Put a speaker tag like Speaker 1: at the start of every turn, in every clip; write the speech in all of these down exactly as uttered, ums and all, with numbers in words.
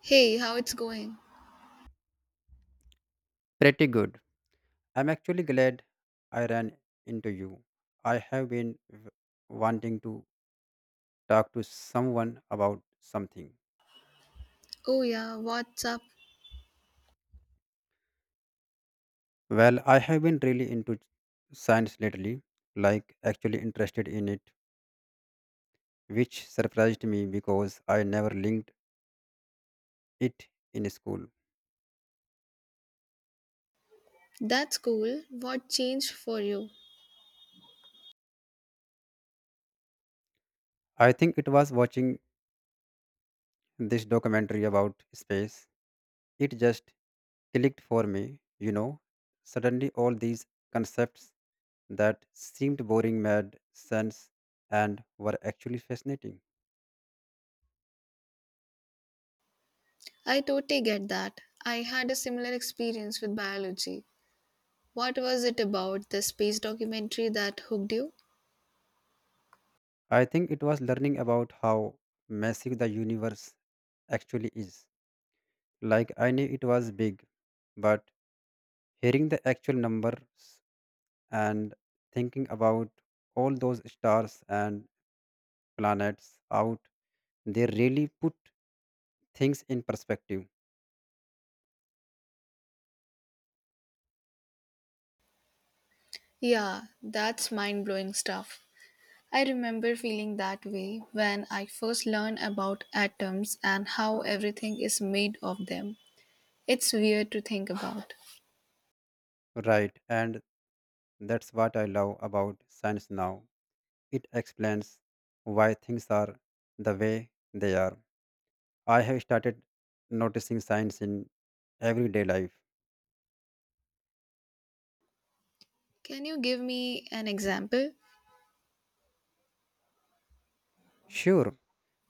Speaker 1: Hey, how it's going?
Speaker 2: Pretty good. I'm actually glad I ran into you. I have been w- wanting to talk to someone about something.
Speaker 1: Oh yeah, what's up?
Speaker 2: Well, I have been really into science lately, like actually interested in it, which surprised me because I never linked it in school.
Speaker 1: That's cool. What changed for you?
Speaker 2: I think it was watching this documentary about space. It just clicked for me, you know. Suddenly, all these concepts that seemed boring made sense and were actually fascinating.
Speaker 1: I totally get that. I had a similar experience with biology. What was it about the space documentary that hooked you?
Speaker 2: I think it was learning about how massive the universe actually is. Like I knew it was big, but hearing the actual numbers and thinking about all those stars and planets out, they really put things in perspective.
Speaker 1: Yeah, that's mind-blowing stuff. I remember feeling that way when I first learned about atoms and how everything is made of them. It's weird to think about.
Speaker 2: Right, and that's what I love about science now. It explains why things are the way they are. I have started noticing signs in everyday life.
Speaker 1: Can you give me an example?
Speaker 2: Sure,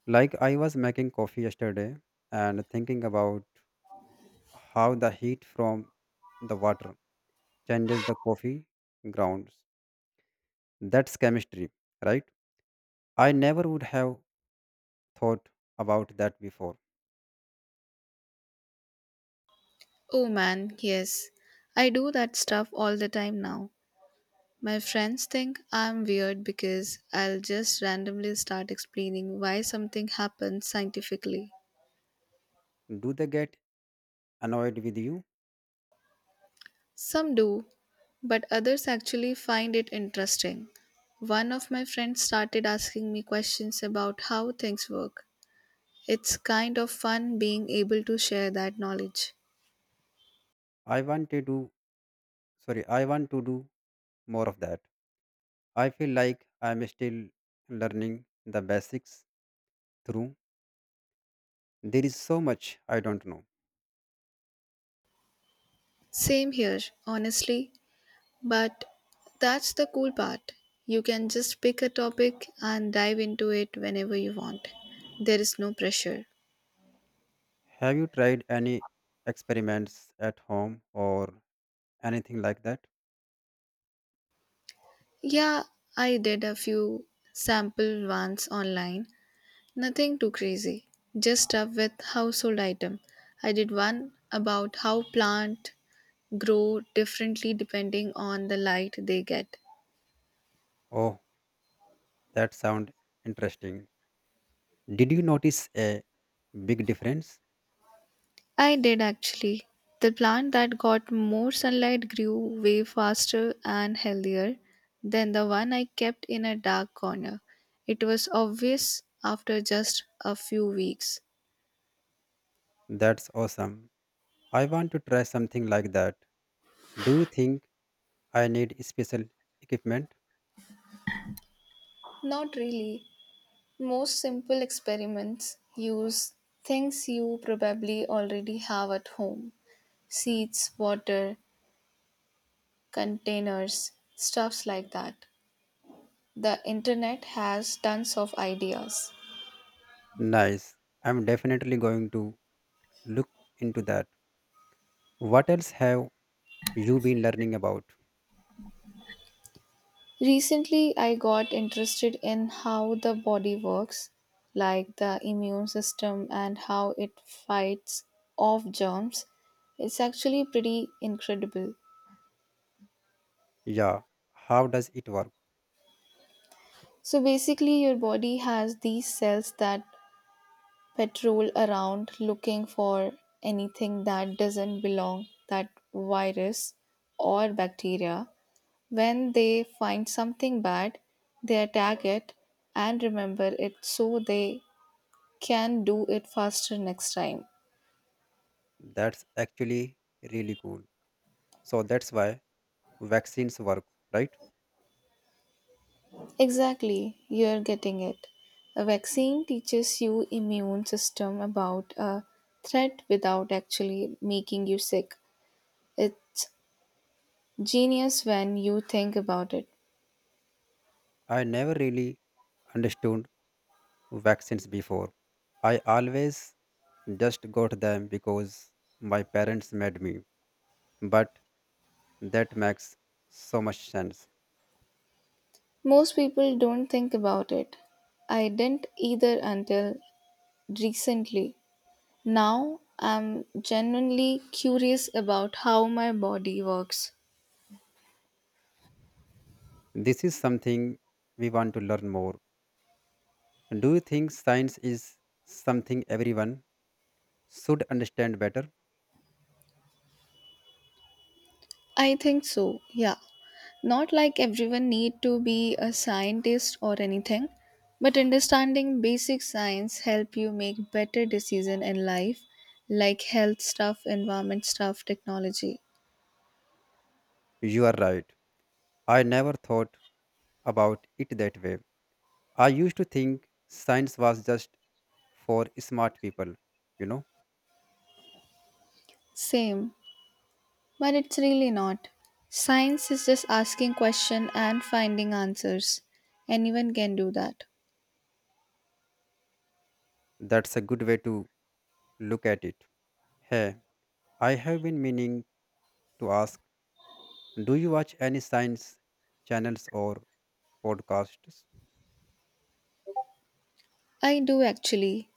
Speaker 2: like I was making coffee yesterday and thinking about how the heat from the water changes the coffee grounds. That's chemistry, right? I never would have thought about that before.
Speaker 1: Oh man, yes. I do that stuff all the time now. My friends think I'm weird because I'll just randomly start explaining why something happens scientifically.
Speaker 2: Do they get annoyed with you?
Speaker 1: Some do, but others actually find it interesting. One of my friends started asking me questions about how things work. It's kind of fun being able to share that knowledge.
Speaker 2: I want to do, sorry, I want to do more of that. I feel like I'm still learning the basics through. There is so much I don't know.
Speaker 1: Same here, honestly. But that's the cool part. You can just pick a topic and dive into it whenever you want. There is no pressure.
Speaker 2: Have you tried any experiments at home or anything like that?
Speaker 1: Yeah, I did a few sample ones online. Nothing too crazy. Just stuff with household item. I did one about how plant grow differently depending on the light they get.
Speaker 2: Oh, that sounds interesting. Did you notice a big difference?
Speaker 1: I did actually. The plant that got more sunlight grew way faster and healthier than the one I kept in a dark corner. It was obvious after just a few weeks.
Speaker 2: That's awesome. I want to try something like that. Do you think I need special equipment?
Speaker 1: Not really. Most simple experiments use things you probably already have at home seeds, water, containers, stuffs like that. The internet has tons of ideas.
Speaker 2: Nice. I'm definitely going to look into that. What else have you been learning about?
Speaker 1: Recently, I got interested in how the body works, like the immune system and how it fights off germs. It's actually pretty incredible.
Speaker 2: Yeah, how does it work?
Speaker 1: So, basically, your body has these cells that patrol around looking for anything that doesn't belong, that virus or bacteria. When they find something bad, they attack it and remember it so they can do it faster next time.
Speaker 2: That's actually really cool. So that's why vaccines work, right?
Speaker 1: Exactly, you're getting it. A vaccine teaches you immune system about a threat without actually making you sick. It's genius when you think about it.
Speaker 2: I never really understood vaccines before. I always just got them because my parents made me. But that makes so much sense.
Speaker 1: Most people don't think about it. I didn't either until recently. Now I'm genuinely curious about how my body works.
Speaker 2: This is something we want to learn more. Do you think science is something everyone should understand better?
Speaker 1: I think so, yeah. Not like everyone need to be a scientist or anything, but understanding basic science help you make better decision in life like health stuff, environment stuff, technology.
Speaker 2: You are right. I never thought about it that way. I used to think science was just for smart people, you know?
Speaker 1: Same, but it's really not. Science is just asking question and finding answers. Anyone can do that.
Speaker 2: That's a good way to look at it. Hey, I have been meaning to ask, do you watch any science channels or podcasts?
Speaker 1: I do actually.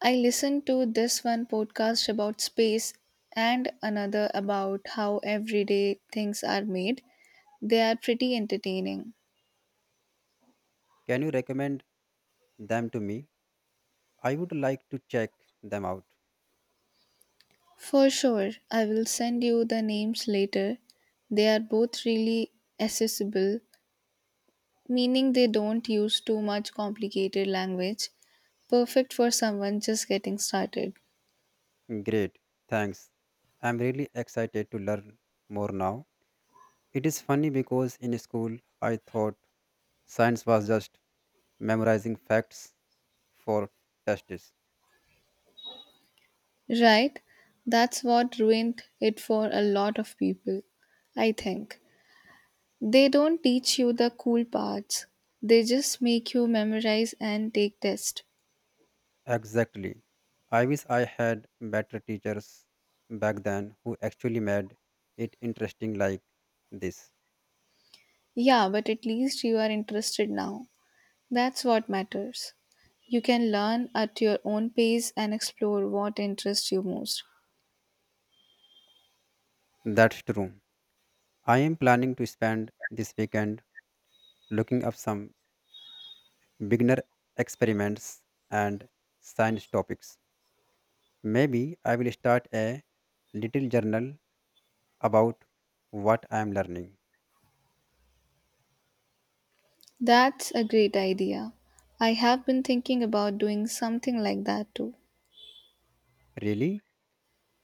Speaker 1: I listened to this one podcast about space and another about how everyday things are made. They are pretty entertaining.
Speaker 2: Can you recommend them to me? I would like to check them out.
Speaker 1: For sure, I will send you the names later. They are both really accessible, meaning they don't use too much complicated language. Perfect for someone just getting started.
Speaker 2: Great, thanks. I'm really excited to learn more now. It is funny because in school I thought science was just memorizing facts for tests.
Speaker 1: Right? That's what ruined it for a lot of people, I think. They don't teach you the cool parts. They just make you memorize and take tests.
Speaker 2: Exactly. I wish I had better teachers back then who actually made it interesting like this.
Speaker 1: Yeah, but at least you are interested now. That's what matters. You can learn at your own pace and explore what interests you most.
Speaker 2: That's true. I am planning to spend this weekend looking up some beginner experiments and science topics. Maybe I will start a little journal about what I am learning.
Speaker 1: That's a great idea. I have been thinking about doing something like that too.
Speaker 2: Really,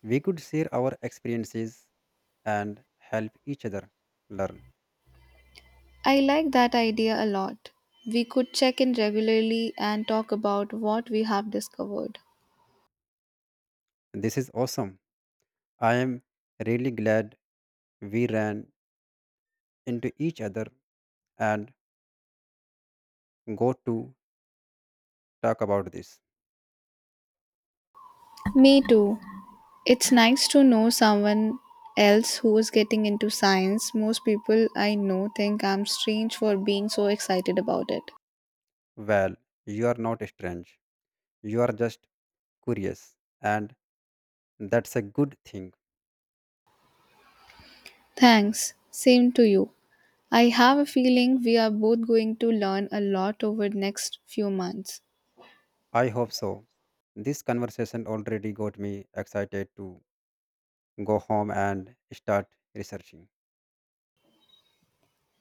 Speaker 2: we could share our experiences and help each other learn.
Speaker 1: I like that idea a lot. We could check in regularly and talk about what we have discovered.
Speaker 2: This is awesome. I am really glad we ran into each other and got to talk about this.
Speaker 1: Me too. It's nice to know someone else who is getting into science. Most people I know think I'm strange for being so excited about it.
Speaker 2: Well, you are not strange. You are just curious, and that's a good thing.
Speaker 1: Thanks. Same to you. I have a feeling we are both going to learn a lot over the next few months.
Speaker 2: I hope so. This conversation already got me excited to go home and start researching.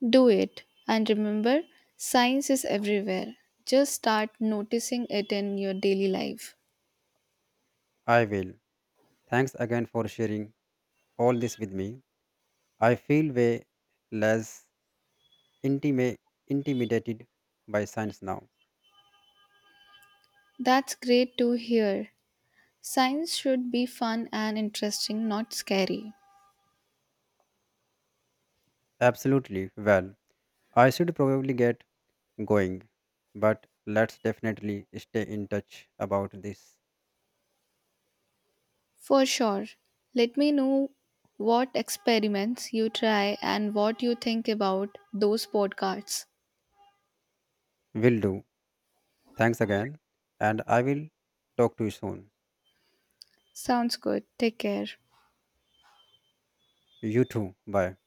Speaker 1: Do it. And remember, science is everywhere. Just start noticing it in your daily life.
Speaker 2: I will. Thanks again for sharing all this with me. I feel way less intimi- intimidated by science now.
Speaker 1: That's great to hear. Science should be fun and interesting, not scary.
Speaker 2: Absolutely. Well, I should probably get going, but let's definitely stay in touch about this.
Speaker 1: For sure. Let me know what experiments you try and what you think about those podcasts.
Speaker 2: Will do. Thanks again, and I will talk to you soon.
Speaker 1: Sounds good. Take care.
Speaker 2: You too. Bye.